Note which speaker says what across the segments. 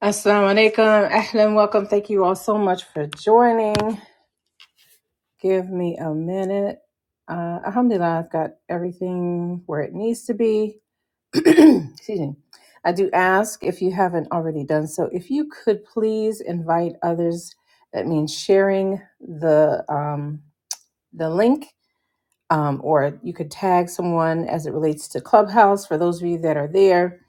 Speaker 1: Assalamu alaikum, ahlan, welcome. Thank you all so much for joining. Give me a minute. Uh, alhamdulillah, I've got everything where it needs to be. Excuse me. I do ask if you haven't already done so, if you could please invite others. That means sharing the um, the link, um, or you could tag someone as it relates to Clubhouse for those of you that are there.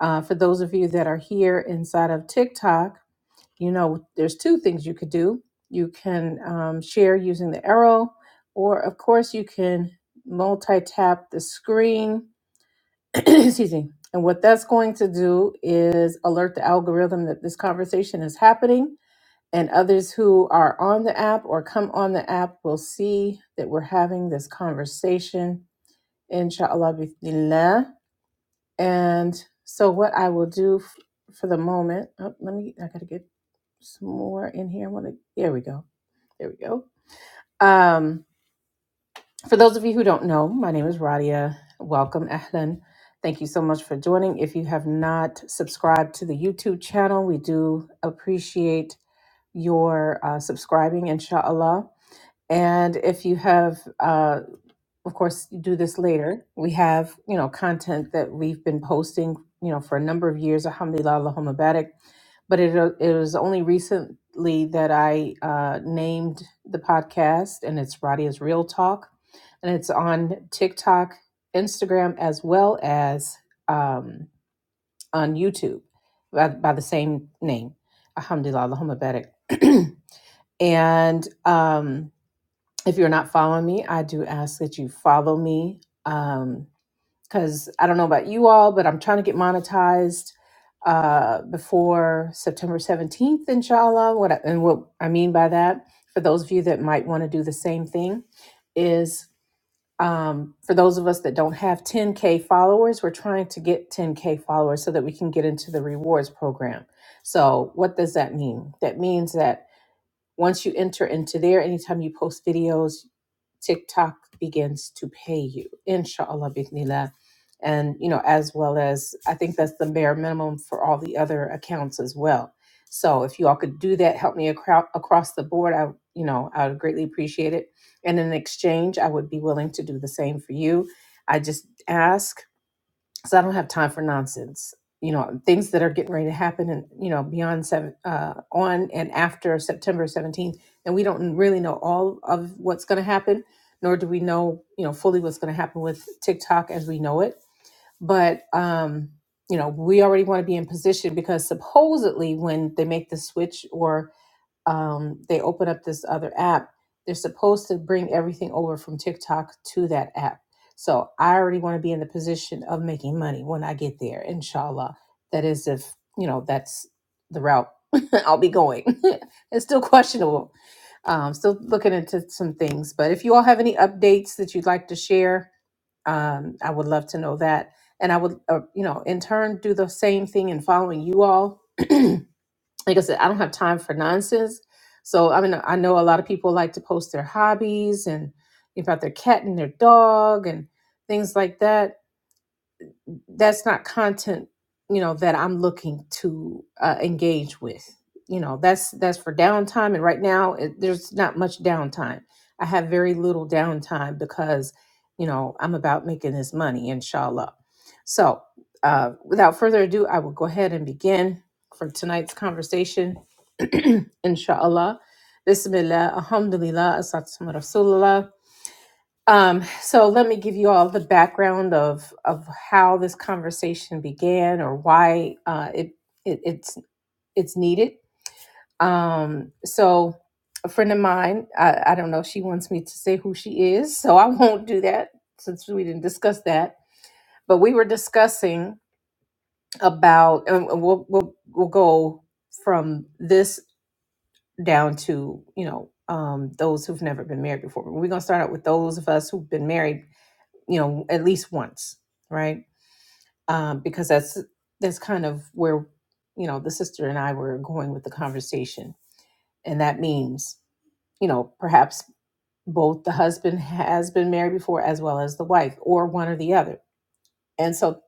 Speaker 1: Uh, for those of you that are here inside of TikTok, you know, there's two things you could do. You can um, share using the arrow, or of course, you can multi tap the screen. Excuse me. And what that's going to do is alert the algorithm that this conversation is happening, and others who are on the app or come on the app will see that we're having this conversation, inshallah, bismillah. And so, what I will do f- for the moment, oh, let me, I gotta get some more in here. I want to. There we go. There we go. Um, for those of you who don't know, my name is Radia. Welcome, Ahlan. Thank you so much for joining. If you have not subscribed to the YouTube channel, we do appreciate your uh, subscribing, inshallah. And if you have, uh, of course you do this later we have you know content that we've been posting you know for a number of years alhamdulillah allahumma barik but it, it was only recently that i uh, named the podcast and it's radia's real talk and it's on tiktok instagram as well as um, on youtube by, by the same name alhamdulillah allahumma barik and um, if you're not following me, I do ask that you follow me. Um, because I don't know about you all, but I'm trying to get monetized uh before September 17th, inshallah. What I, and what I mean by that, for those of you that might want to do the same thing, is um for those of us that don't have 10k followers, we're trying to get 10k followers so that we can get into the rewards program. So what does that mean? That means that once you enter into there, anytime you post videos, TikTok begins to pay you, inshallah, bi'nillah. And, you know, as well as I think that's the bare minimum for all the other accounts as well. So if you all could do that, help me acro- across the board, I, you know, I would greatly appreciate it. And in exchange, I would be willing to do the same for you. I just ask so I don't have time for nonsense. You know, things that are getting ready to happen, and you know, beyond seven, uh, on and after September seventeenth, and we don't really know all of what's going to happen, nor do we know, you know, fully what's going to happen with TikTok as we know it. But um, you know, we already want to be in position because supposedly when they make the switch, or um, they open up this other app, they're supposed to bring everything over from TikTok to that app. So I already want to be in the position of making money when I get there, inshallah. That is, if you know, that's the route I'll be going. it's still questionable. Um, still looking into some things. But if you all have any updates that you'd like to share, um, I would love to know that. And I would, uh, you know, in turn, do the same thing in following you all like I said, I don't have time for nonsense. So I mean, I know a lot of people like to post their hobbies and about their cat and their dog and things like that that's not content you know that i'm looking to uh, engage with you know that's that's for downtime and right now it, there's not much downtime i have very little downtime because you know i'm about making this money inshallah so uh, without further ado i will go ahead and begin for tonight's conversation inshallah bismillah alhamdulillah asatuma rasulullah um, so let me give you all the background of of how this conversation began or why uh, it, it it's it's needed. Um, so a friend of mine, I, I don't know, she wants me to say who she is, so I won't do that since we didn't discuss that. But we were discussing about, and we'll we'll we'll go from this down to you know um, those who've never been married before. But we're gonna start out with those of us who've been married you know at least once right um, because that's that's kind of where you know the sister and i were going with the conversation and that means you know perhaps both the husband has been married before as well as the wife or one or the other and so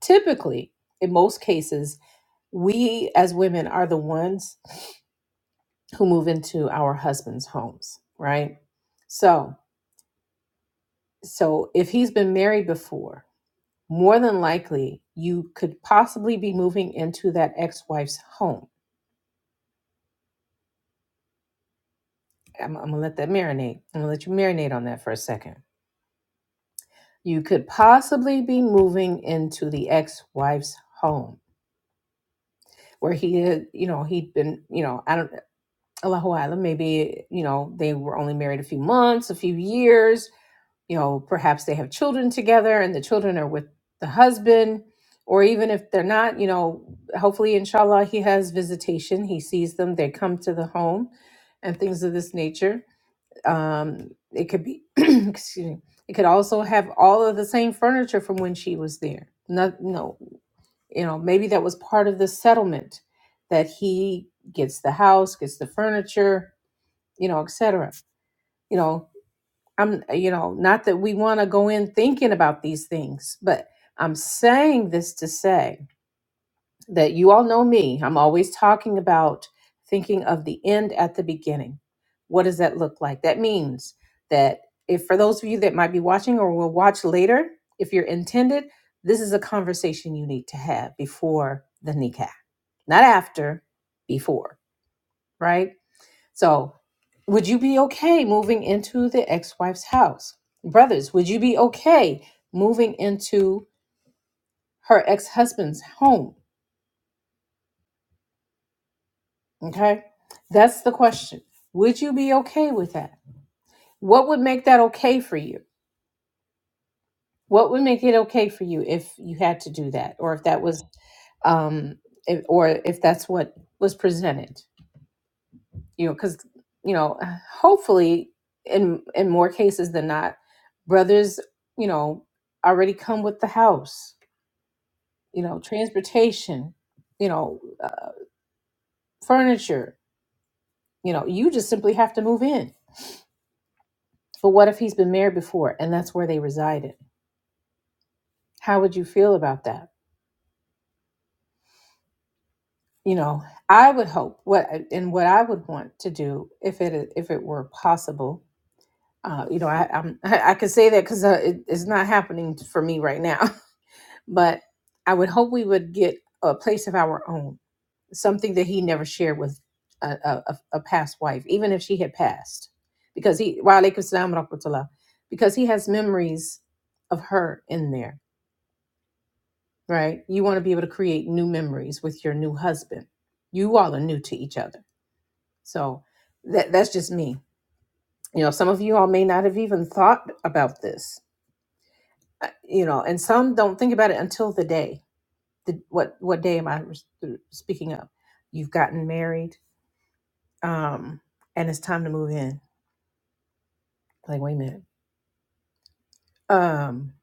Speaker 1: typically in most cases we as women are the ones who move into our husbands homes right so so if he's been married before more than likely you could possibly be moving into that ex-wife's home. I'm, I'm gonna let that marinate. I'm gonna let you marinate on that for a second. You could possibly be moving into the ex-wife's home where he had, you know, he'd been, you know, I don't, Allahu Island, maybe, you know, they were only married a few months, a few years, you know, perhaps they have children together and the children are with the husband, or even if they're not, you know, hopefully, inshallah, he has visitation. He sees them, they come to the home and things of this nature. Um, it could be, excuse me, it could also have all of the same furniture from when she was there. Not, no, you know, maybe that was part of the settlement that he gets the house, gets the furniture, you know, etc. You know, I'm, you know, not that we want to go in thinking about these things, but I'm saying this to say that you all know me. I'm always talking about thinking of the end at the beginning. What does that look like? That means that if for those of you that might be watching or will watch later, if you're intended, this is a conversation you need to have before the kneecap, not after, before, right? So, would you be okay moving into the ex wife's house? Brothers, would you be okay moving into her ex husband's home? Okay. That's the question. Would you be okay with that? What would make that okay for you? What would make it okay for you if you had to do that or if that was, um, if, or if that's what was presented? you know because you know hopefully in in more cases than not brothers you know already come with the house you know transportation you know uh, furniture you know you just simply have to move in but what if he's been married before and that's where they resided how would you feel about that you know i would hope what and what i would want to do if it if it were possible uh, you know, I, I'm I, I could say that because uh, it, it's not happening for me right now. But I would hope we would get a place of our own, something that he never shared with a, a, a a past wife, even if she had passed. Because he, wa alaikum salam wa rahmatullah. because he has memories of her in there, right? You want to be able to create new memories with your new husband. You all are new to each other. So that, that's just me. You know, some of you all may not have even thought about this, uh, you know, and some don't think about it until the day the what what day am I speaking of? You've gotten married, um, and it's time to move in. Like, wait a minute. Um,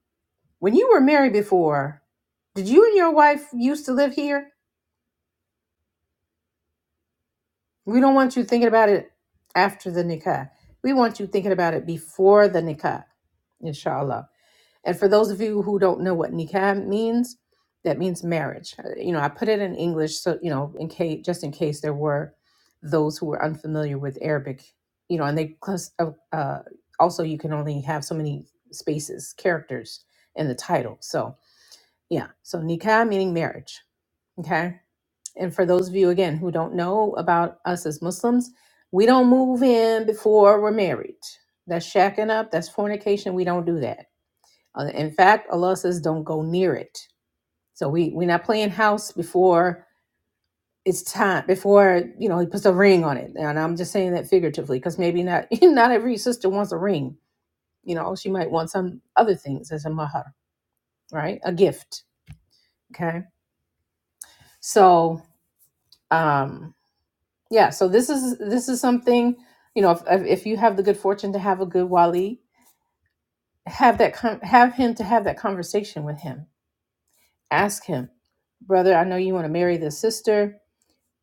Speaker 1: when you were married before, did you and your wife used to live here? We don't want you thinking about it after the nikah. We want you thinking about it before the nikah, inshallah And for those of you who don't know what nikah means, that means marriage. Uh, You know, I put it in English so you know, in case just in case there were those who were unfamiliar with Arabic. You know, and they class- uh, uh, also you can only have so many spaces, characters in the title. So yeah, so nikah meaning marriage. Okay, and for those of you again who don't know about us as Muslims, we don't move in before we're married. That's shacking up. That's fornication. We don't do that uh, in fact, Allah says, "Don't go near it." So we we're not playing house before it's time. Before you know, he puts a ring on it, and I'm just saying that figuratively because maybe not not every sister wants a ring. You know, she might want some other things as a mahar, right? A gift. Okay. So, um, yeah. So this is this is something you know. If if you have the good fortune to have a good wali, have that con- have him to have that conversation with him. Ask him, brother. I know you want to marry this sister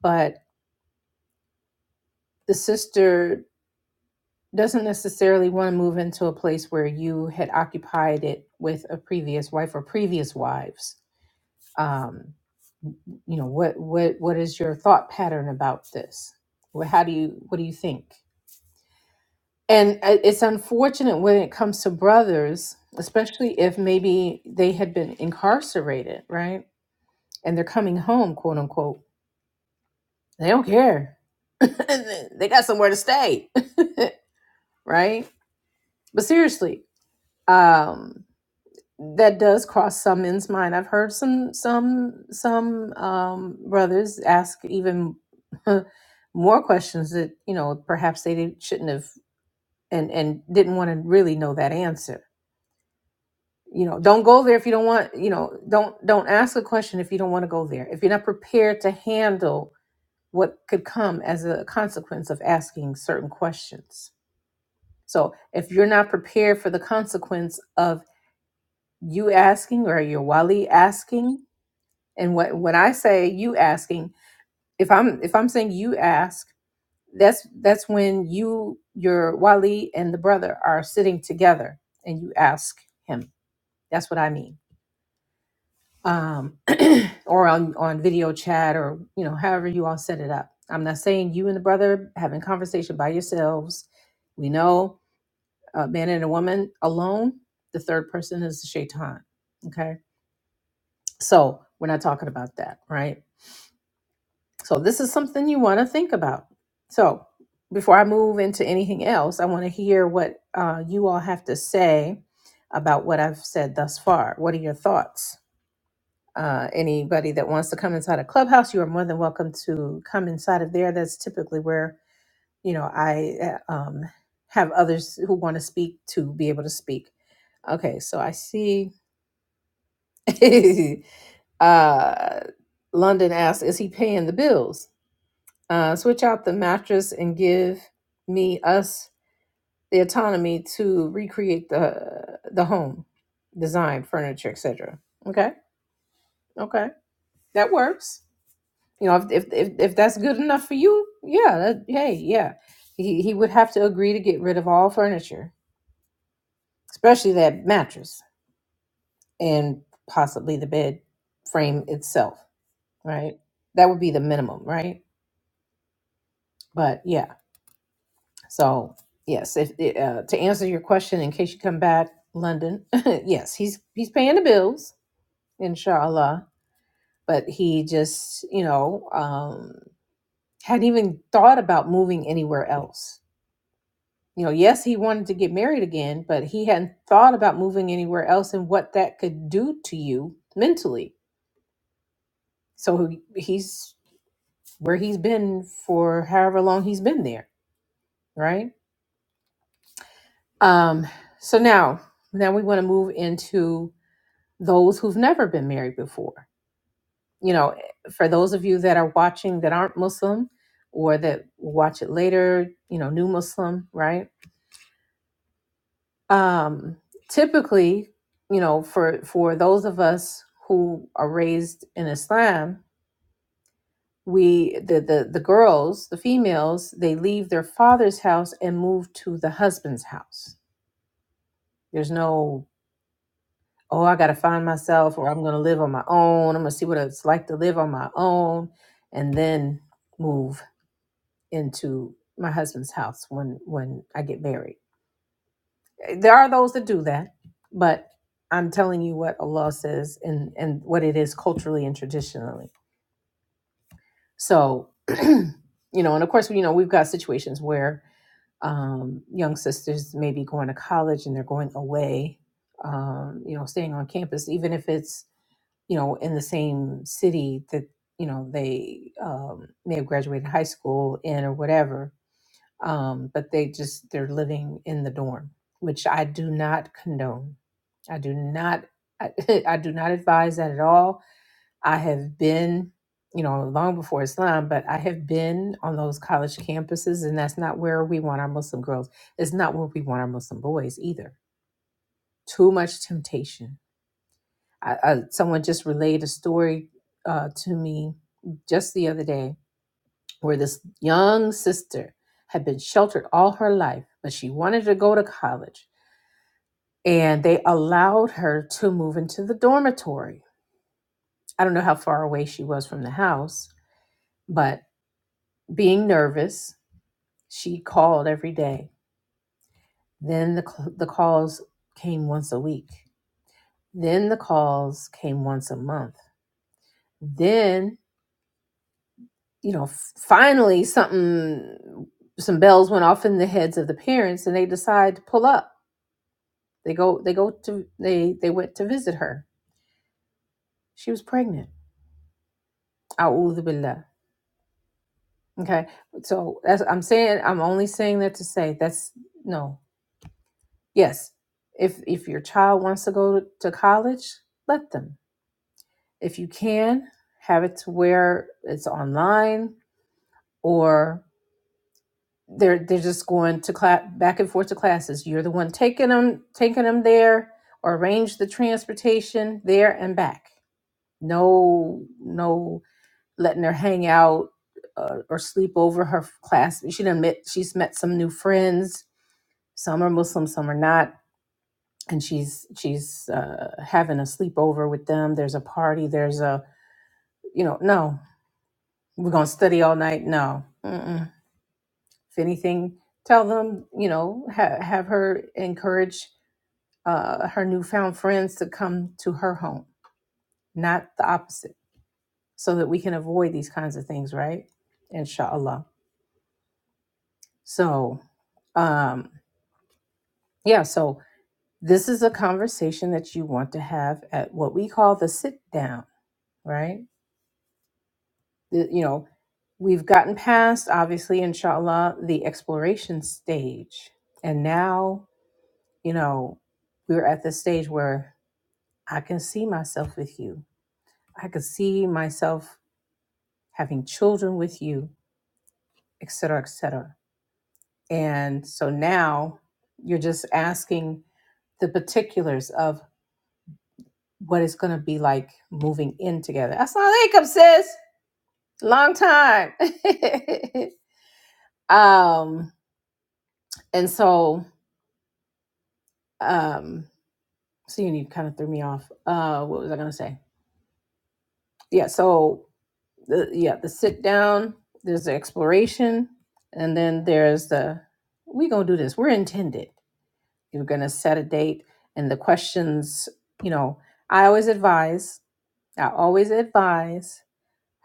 Speaker 1: but the sister doesn't necessarily want to move into a place where you had occupied it with a previous wife or previous wives um you know what what what is your thought pattern about this what how do you what do you think and i- it's unfortunate when it comes to brothers especially if maybe they had been incarcerated right and they're coming home quote unquote they don't care they got somewhere to stay right but seriously um, that does cross some men's mind. I've heard some some some um, brothers ask even more questions that you know perhaps they didn't- shouldn't have and and didn't want to really know that answer. You know, don't go there if you don't want. You know, don't don't ask a question if you don't want to go there. If you're not prepared to handle what could come as a consequence of asking certain questions. So if you're not prepared for the consequence of you asking or your wali asking And what when I say you asking, if I'm if I'm saying you ask, that's that's when you your Wali and the brother are sitting together and you ask him. That's what I mean. Um, or on on video chat or you know however you all set it up. I'm not saying you and the brother having conversation by yourselves. We know a man and a woman alone. The third person is the shaitan. Okay, so we're not talking about that, right? So this is something you want to think about. So before I move into anything else, I want to hear what uh, you all have to say about what I've said thus far. What are your thoughts? Uh, anybody that wants to come inside a clubhouse, you are more than welcome to come inside of there. That's typically where you know I uh, um, have others who want to speak to be able to speak. Okay, so I see. uh, London asks, "Is he paying the bills?" Uh, switch out the mattress and give me us the autonomy to recreate the the home, design, furniture, etc. Okay, okay, that works. You know, if if if, if that's good enough for you, yeah, that, hey, yeah. He he would have to agree to get rid of all furniture, especially that mattress and possibly the bed frame itself. Right, that would be the minimum, right? But yeah. So yes, if eh, uh, to answer your question, in case you come back, London, yes, he's he's paying the bills, inshallah. But he just, you know, um, hadn't even thought about moving anywhere else. You know, yes, he wanted to get married again, but he hadn't thought about moving anywhere else and what that could do to you mentally. So he- he's where he's been for however long he's been there, right? Um, so now, now we want to move into those who've never been married before. You know, for those of you that are watching that aren't Muslim or that will watch it later, you know, new Muslim, right? Um, typically, you know, for for those of us who are raised in Islam, we the, the the girls, the females, they leave their father's house and move to the husband's house. There's no oh, I got to find myself or I'm going to live on my own. I'm going to see what it's like to live on my own and then move into my husband's house when when I get married. There are those that do that, but I'm telling you what Allah says and and what it is culturally and traditionally. So, you know, and of course, you know, we've got situations where um, young sisters may be going to college and they're going away, um, you know, staying on campus, even if it's you know, in the same city that, you know, they um, may have graduated high school in or whatever, um, but they just, they're living in the dorm, which I do not condone. I do not, I, I do not advise that at all. I have been, you know, long before Islam, but I have been on those college campuses, and that's not where we want our Muslim girls. It's not where we want our Muslim boys either. Too much temptation I, I, someone just relayed a story uh, to me just the other day where this young sister had been sheltered all her life, but she wanted to go to college and they allowed her to move into the dormitory. I don't know how far away she was from the house, but being nervous, she called every day. Then the, c- the calls came once a week. Then the calls came once a month. Then. you know, f- finally something, some bells went off in the heads of the parents, and they decide to pull up. They go, they go to, they they went to visit her. She was pregnant. A'udhu billah. Okay, so as I'm saying, I'm only saying that to say that's no, yes. If if your child wants to go to, to college, let them. If you can, have it to where it's online, or. they're they're just going to class back and forth to classes. You're the one taking them taking them there or arrange the transportation there and back. No no letting her hang out uh, or sleep over her class. She done met she's met some new friends. Some are Muslim, some are not, and she's she's uh, having a sleepover with them. There's a party. There's a you know no we're gonna study all night. No, Mm-mm. if anything, tell them, you know, ha- have her encourage uh, her newfound friends to come to her home, not the opposite, so that we can avoid these kinds of things, right? Inshallah. So, um, yeah, so this is a conversation that you want to have at what we call the sit down, right? The- you know, we've gotten past, obviously, inshallah, the exploration stage. And now, you know, we're at the stage where I can see myself with you. I could see myself having children with you, et cetera, et cetera. And so now you're just asking the particulars of what it's going to be like moving in together. That's not income, sis. Long time. um, and so, um, so you kind of threw me off. Uh, what was I going to say? Yeah. So the yeah the sit down there's the exploration and then there's the we gonna do this we're intended you're gonna set a date and the questions you know i always advise i always advise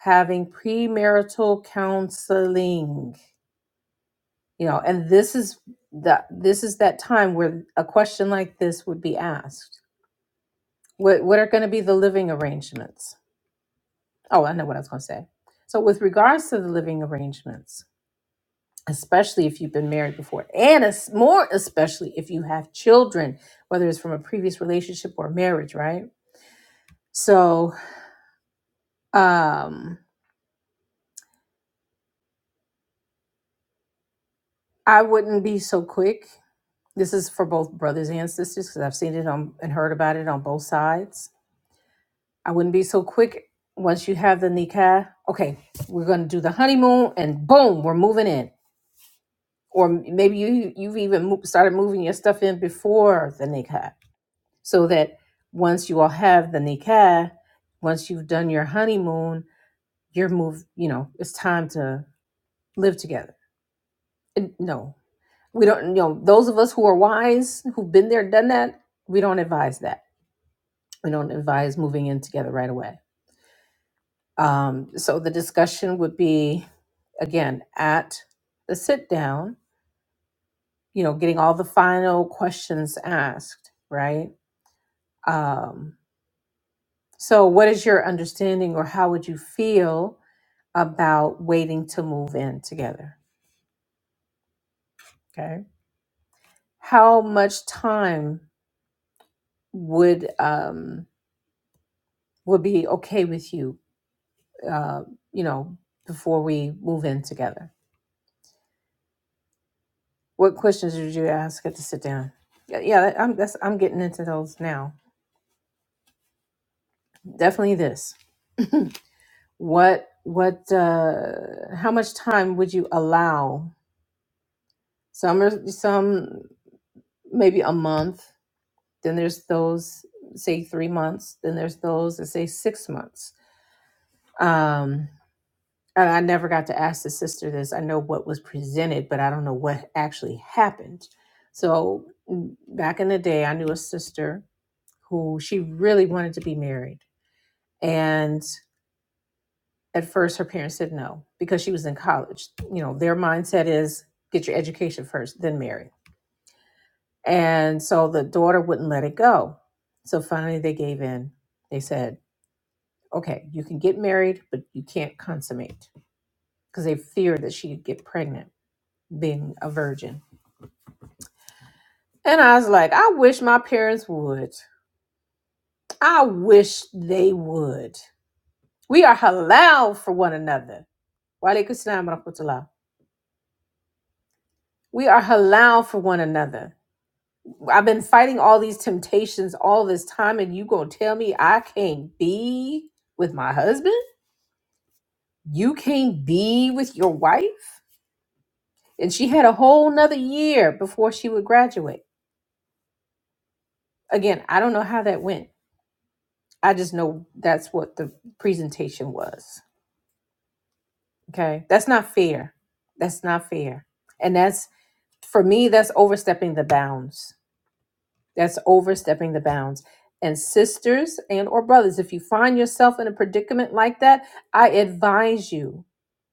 Speaker 1: having premarital counseling you know and this is the this is that time where a question like this would be asked what what are going to be the living arrangements oh i know what i was going to say so with regards to the living arrangements especially if you've been married before, and es- more especially if you have children, whether it's from a previous relationship or marriage, right? So, um, I wouldn't be so quick. This is for both brothers and sisters because I've seen it on and heard about it on both sides. I wouldn't be so quick once you have the nikah. Okay, we're going to do the honeymoon, and boom, we're moving in. Or maybe you you've even mo- started moving your stuff in before the nikah so that once you all have the nikah, once you've done your honeymoon, you're moved. You know, it's time to live together. And no, we don't. You know, those of us who are wise, who've been there, done that, we don't advise that. We don't advise moving in together right away. Um, so the discussion would be again at the sit down. You know, getting all the final questions asked, right? Um, so, what is your understanding, or how would you feel? about waiting to move in together. Okay. How much time would um would be okay with you uh you know before we move in together? What questions did you ask at the sit down? Yeah, yeah, I'm that's I'm getting into those now. Definitely this. What what uh how much time would you allow? Some are some maybe a month. Then there's those say three months. Then there's those that say six months Um, and I never got to ask the sister this. I know what was presented, but I don't know what actually happened. So mm, back in the day, I knew a sister who she really wanted to be married. And at first, her parents said no because she was in college. You know, their mindset is get your education first, then marry. And so the daughter wouldn't let it go. So finally, they gave in. They said, okay, you can get married, but you can't consummate because they feared that she'd get pregnant. being a virgin. And I was like, I wish my parents would. I wish they would. We are halal for one another. Wa alaikum salam wa rahmatullah. We are halal for one another. I've been fighting all these temptations all this time, and you gonna tell me I can't be with my husband? You can't be with your wife? And she had a whole nother year before she would graduate. Again, I don't know how that went. I just know that's what the presentation was. Okay. That's not fair. That's not fair. And that's, for me, that's overstepping the bounds. That's overstepping the bounds. And sisters and or brothers, if you find yourself in a predicament like that, I advise you.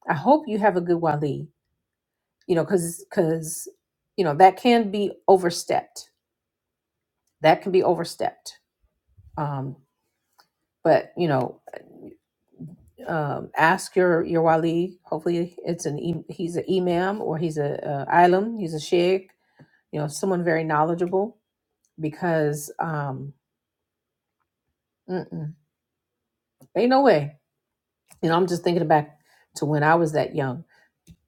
Speaker 1: I hope you have a good wali. You know, because because you know that can be overstepped. That can be overstepped. Um, but you know, um, ask your your wali. Hopefully, it's an e- he's an imam or he's a, uh, ilum. He's a sheikh you know, someone very knowledgeable because um, mm-mm, ain't no way. You know, I'm just thinking back to when I was that young.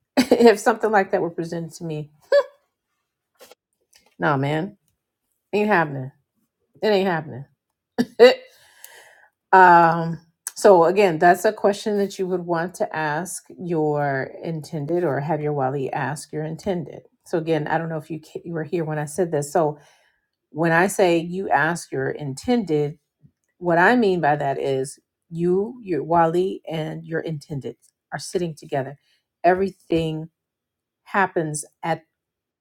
Speaker 1: if something like that were presented to me, nah, man, ain't happening. It ain't happening. um, so again, that's a question that you would want to ask your intended or have your wali ask your intended. So again, I don't know if you ca- you were here when I said this. So when I say you ask your intended What I mean by that is you, your Wali, and your intended are sitting together. Everything happens at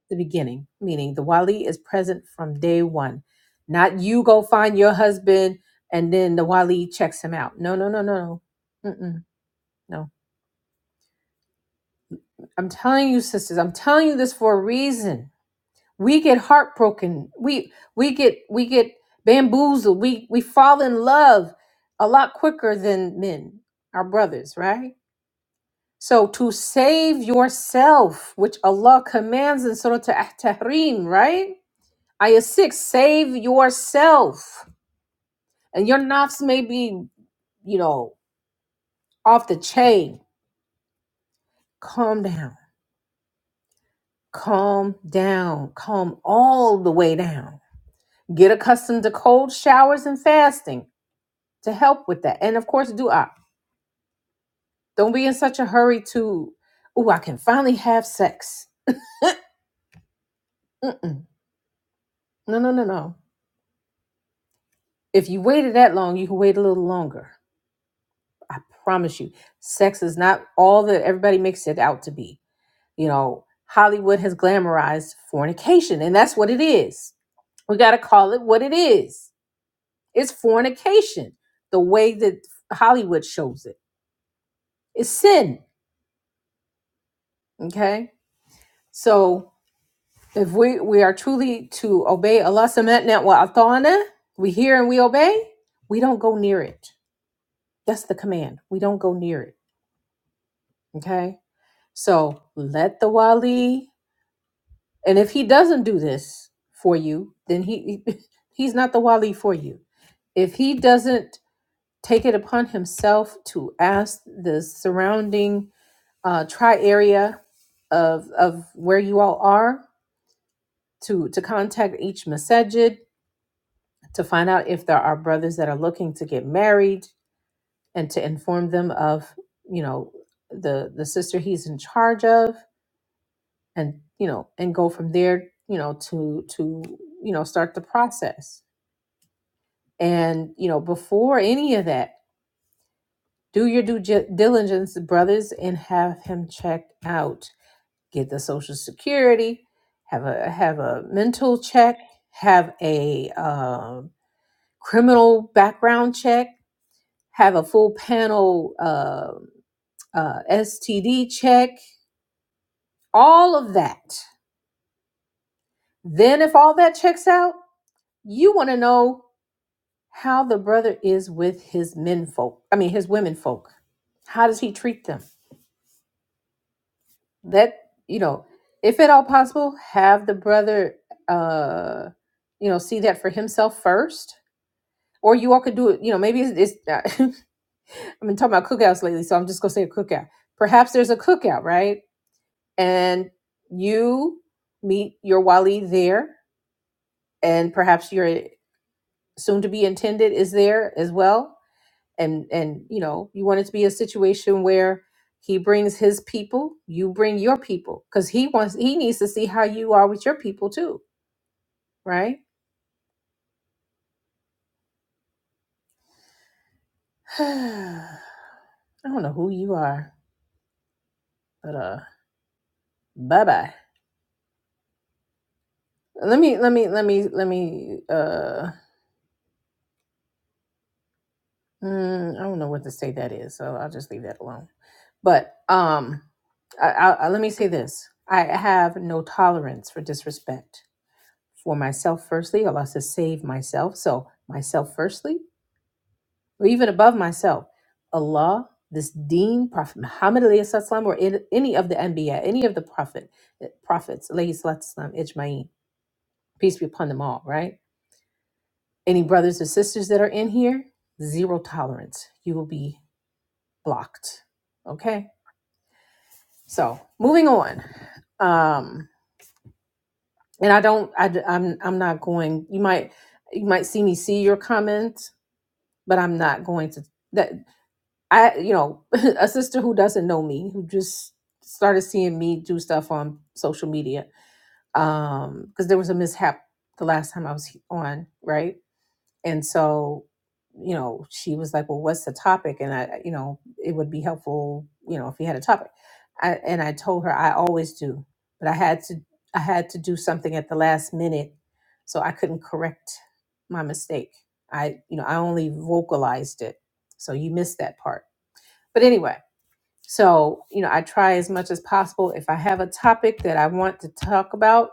Speaker 1: the beginning, meaning the Wali is present from day one. Not you go find your husband and then the Wali checks him out. No, no, no, no, no. Mm-mm, no. I'm telling you, sisters, I'm telling you this for a reason we get heartbroken we we get we get bamboozled we we fall in love a lot quicker than men our brothers right so to save yourself which allah commands in surah at-tahrim right ayah 6 save yourself and your nafs may be you know off the chain calm down calm down calm all the way down get accustomed to cold showers and fasting to help with that. And of course, do I. Don't be in such a hurry to, oh, I can finally have sex. Mm-mm. No, no, no, no. If you waited that long, you can wait a little longer. I promise you. Sex is not all that everybody makes it out to be. You know, Hollywood has glamorized fornication, and that's what it is. We got to call it what it is. It's fornication, the way that Hollywood shows it. It's sin. Okay. So If we, we are truly to obey Allah subhanahu wa ta'ala, we hear and we obey, we don't go near it. That's the command. We don't go near it. Okay? So let the wali, and if he doesn't do this for you, then he he's not the wali for you. If he doesn't take it upon himself to ask the surrounding uh, tri area of of where you all are to to contact each masajid to find out if there are brothers that are looking to get married and to inform them of you know the the sister he's in charge of and you know and go from there you know to to you know start the process and you know before any of that do your due gi- diligence brothers and have him checked out get the social security have a have a mental check have a um, criminal background check have a full panel uh, uh, STD check, all of that. Then, if all that checks out, you want to know how the brother is with his men folk. I mean, his women folk. How does he treat them? That you know, if at all possible, have the brother, uh, you know, see that for himself first. Or you all could do it. You know, maybe it's. it's I've been talking about cookouts lately, so I'm just gonna say a cookout. Perhaps there's a cookout, right? and you meet your wali there and perhaps your soon to be intended is there as well and and you know you want it to be a situation where he brings his people you bring your people because he wants he needs to see how you are with your people too right i don't know who you are but uh bye bye let me let me let me let me uh Mm, I don't know what to say that is, so I'll just leave that alone. But um, I, I, I- let me say this: I have no tolerance for disrespect for myself. Firstly, Allah says, "Save myself." So myself firstly, or even above myself, Allah, this Deen, Prophet Muhammad alayhi salatu wasalam, or in, any of the Anbiya, any of the Prophet eh, prophets alayhi salatu wasalam, ijmain, peace be upon them all. Right? Any brothers or sisters that are in here, zero tolerance. You will be blocked. Okay. So moving on. Um, and I don't, I, am I'm I'm not going, you might, you might see me see your comment, but I'm not going to that. I, you know, a sister who doesn't know me, who just started seeing me do stuff on social media. Um, cause there was a mishap the last time I was he- on, right? and so you know she was like well what's the topic and i you know it would be helpful you know if you had a topic I, and i told her i always do but i had to i had to do something at the last minute so i couldn't correct my mistake i you know i only vocalized it so you missed that part but anyway so you know i try as much as possible if i have a topic that i want to talk about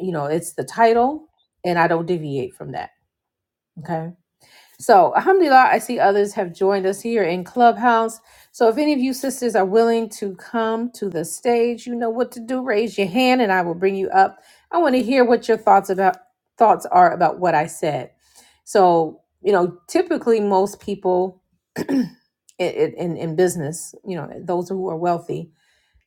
Speaker 1: you know it's the title and i don't deviate from that okay So, alhamdulillah, I see others have joined us here in Clubhouse. So, if any of you sisters are willing to come to the stage, you know what to do. Raise your hand and I will bring you up. I want to hear what your thoughts about thoughts are about what I said. So, you know, typically most people in, in, in business, you know, those who are wealthy,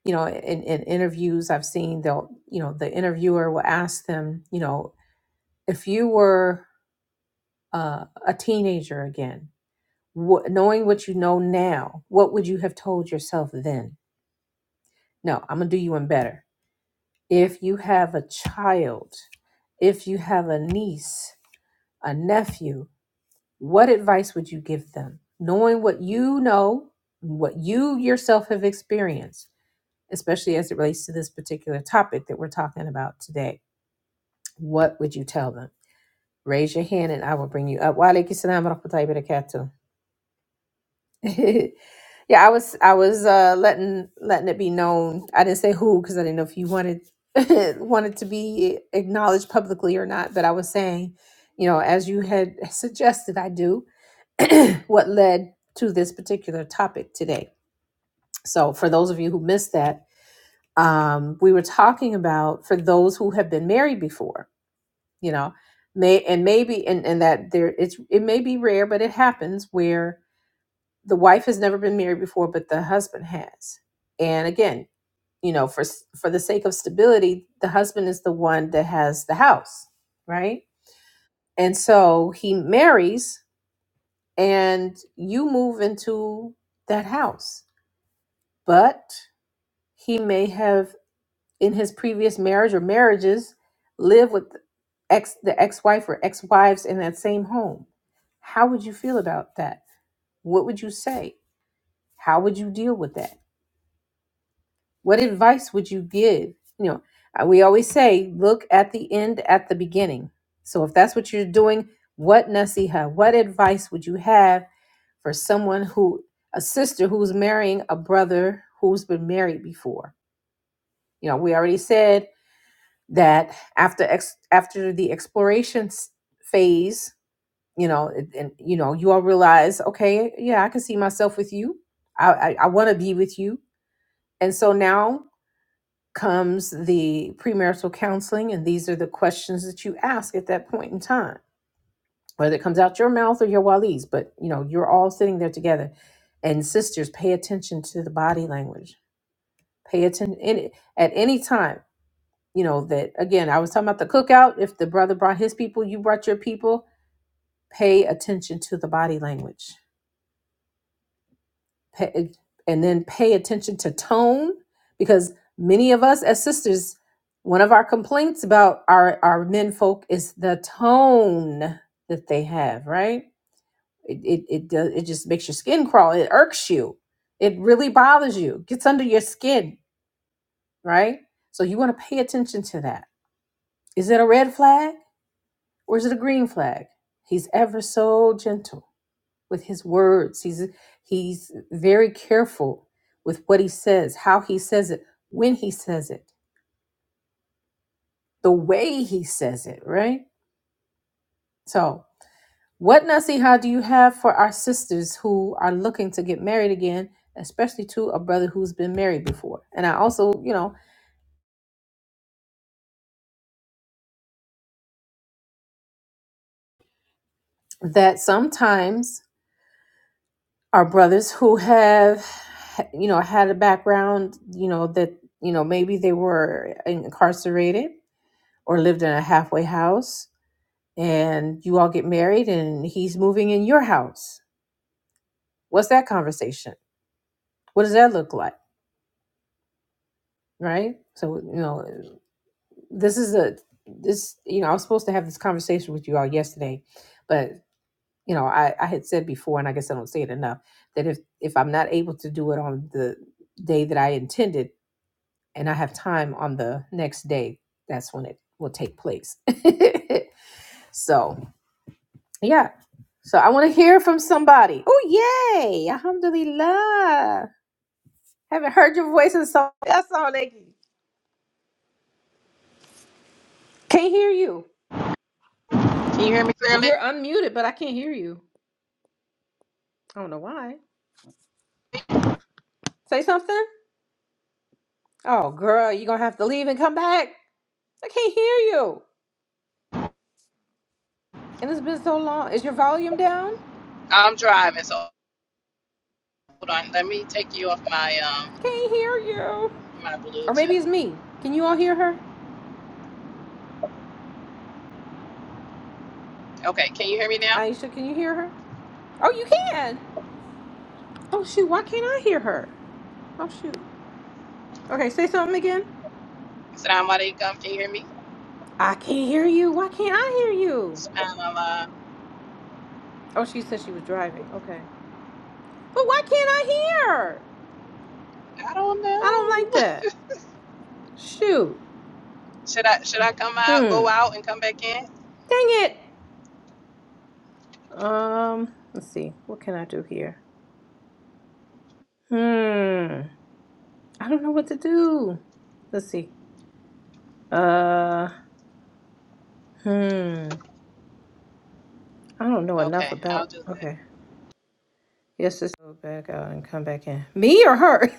Speaker 1: you know, in, in interviews I've seen they'll, you know, the interviewer will ask them, you know, if you were uh, a teenager again, Wh- knowing what you know now, what would you have told yourself then? No, I'm going to do you one better. If you have a child, if you have a niece, a nephew, what advice would you give them? Knowing what you know, what you yourself have experienced, especially as it relates to this particular topic that we're talking about today, what would you tell them? Raise your hand and I will bring you up. Wa alaikum salam wa rahmatullahi wa barakatuh. yeah, I was I was uh letting letting it be known. I didn't say who because I didn't know if you wanted wanted to be acknowledged publicly or not, but I was saying, you know, as you had suggested I do, what led to this particular topic today. So for those of you who missed that, um, we were talking about for those who have been married before, you know, may and maybe and, and that there it's it may be rare, but it happens where the wife has never been married before but the husband has and again you know for for the sake of stability the husband is the one that has the house right and so he marries and you move into that house but he may have in his previous marriage or marriages lived with ex the ex-wife or ex-wives in that same home how would you feel about that what would you say how would you deal with that What advice would you give? You know, uh, we always say, look at the end at the beginning. So if that's what you're doing, what nasiha, what advice would you have for someone who, a sister who's marrying a brother who's been married before? You know, we already said that after ex, after the exploration s- phase, you know, and and, you know, you all realize, okay, yeah, I can see myself with you. I I, I want to be with you, and so now comes the premarital counseling, and these are the questions that you ask at that point in time, whether it comes out your mouth or your wali's, but you know, you're all sitting there together. And sisters, pay attention to the body language. Pay attention any, at any time. You know, that again, I was talking about the cookout. If the brother brought his people, you brought your people, pay attention to the body language pay, and then pay attention to tone because many of us as sisters one of our complaints about our our men folk is the tone that they have right it it it, does, it just makes your skin crawl it irks you it really bothers you It gets under your skin right so you want to pay attention to that is it a red flag or is it a green flag he's ever so gentle with his words. He's he's very careful with what he says, how he says it, when he says it, the way he says it, right? So, what nasiha do you have for our sisters who are looking to get married again, especially to a brother who's been married before? And I also, you know, that sometimes our brothers who have you know had a background, you know, that you know maybe they were incarcerated or lived in a halfway house and you all get married and he's moving in your house. What's that conversation? What does that look like? Right? So, you know, this is a this, you know, I was supposed to have this conversation with you all yesterday, but you know, I, I had said before, and I guess I don't say it enough, that if if I'm not able to do it on the day that I intended and I have time on the next day, that's when it will take place. so Yeah. So I want to hear from somebody. Oh, yay. Alhamdulillah. Haven't heard your voice in so That's all they can't hear you.
Speaker 2: Can you hear me clearly?
Speaker 1: You're unmuted, but I can't hear you. I don't know why. Say something. Oh, girl, you're going to have to leave and come back. I can't hear you. And it's been so long. Is your volume down?
Speaker 2: I'm driving, so hold on. Let me take you off my um
Speaker 1: Can't hear you.
Speaker 2: my
Speaker 1: Or maybe
Speaker 2: Bluetooth.
Speaker 1: it's me. Can you all hear her?
Speaker 2: Okay, can you hear me now?
Speaker 1: Aisha, can you hear her? Oh, you can. Oh, shoot. Why can't I hear her? Oh, shoot. Okay, say something again.
Speaker 2: Assalamu alaikum. Can you hear me?
Speaker 1: I can't hear you. Why can't I hear you?
Speaker 2: Subhanallah.
Speaker 1: Oh, she said she was driving. Okay. But why can't I hear?
Speaker 2: I don't
Speaker 1: I don't
Speaker 2: know.
Speaker 1: like that. Shoot.
Speaker 2: Should I should I come out, go
Speaker 1: Hmm.
Speaker 2: out, and come back in?
Speaker 1: Dang it. Um, let's see. What can I do here? Hmm. I don't know what to do. Let's see. Uh, hmm. I don't know
Speaker 2: Okay,
Speaker 1: enough
Speaker 2: I'll
Speaker 1: about.
Speaker 2: do that.
Speaker 1: Okay. Yes, just go back out and come back in. Me or her?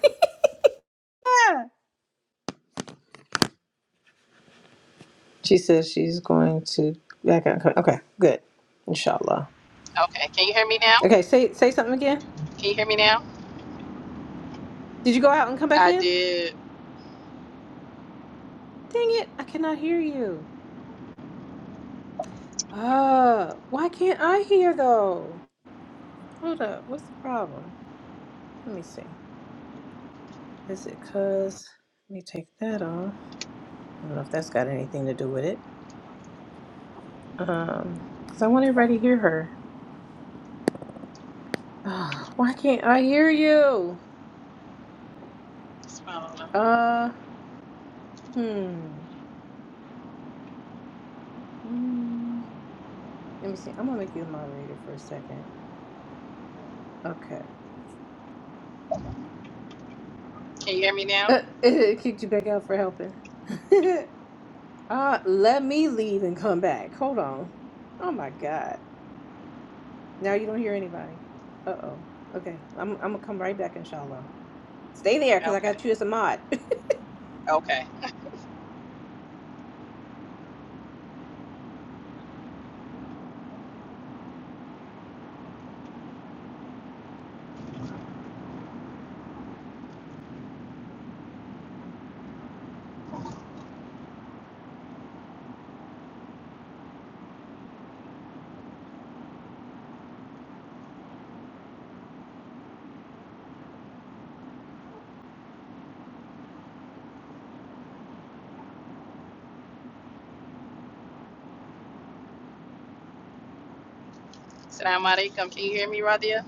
Speaker 1: yeah. She says she's going to back out. and come- Okay, good. Inshallah.
Speaker 2: Okay, can you hear me now?
Speaker 1: Okay, say say something again.
Speaker 2: Can you hear me now?
Speaker 1: Did you go out and come back
Speaker 2: I
Speaker 1: in? Dang
Speaker 2: did.
Speaker 1: it, I cannot hear you. Uh, why can't I hear though? Hold up, what's the problem? Let me see. Is it cuz let me take that off. I don't know if that's got anything to do with it. Um, cuz I want everybody to hear her. Ugh, why can't I hear you?
Speaker 2: Subhanallah.
Speaker 1: Uh, hmm. Hmm. Let me see. I'm gonna make you a moderator for a second. Okay.
Speaker 2: Can you hear me now?
Speaker 1: Uh, it kicked you back out for helping. Uh, let me leave and come back. Hold on. Oh my God. Now you don't hear anybody. Uh-oh. Okay. I'm, I'm gonna come right back, inshallah. Stay there, because I
Speaker 2: Okay.
Speaker 1: got you as a mod.
Speaker 2: Okay. Assalamu alaikum. Can you hear me, Radia?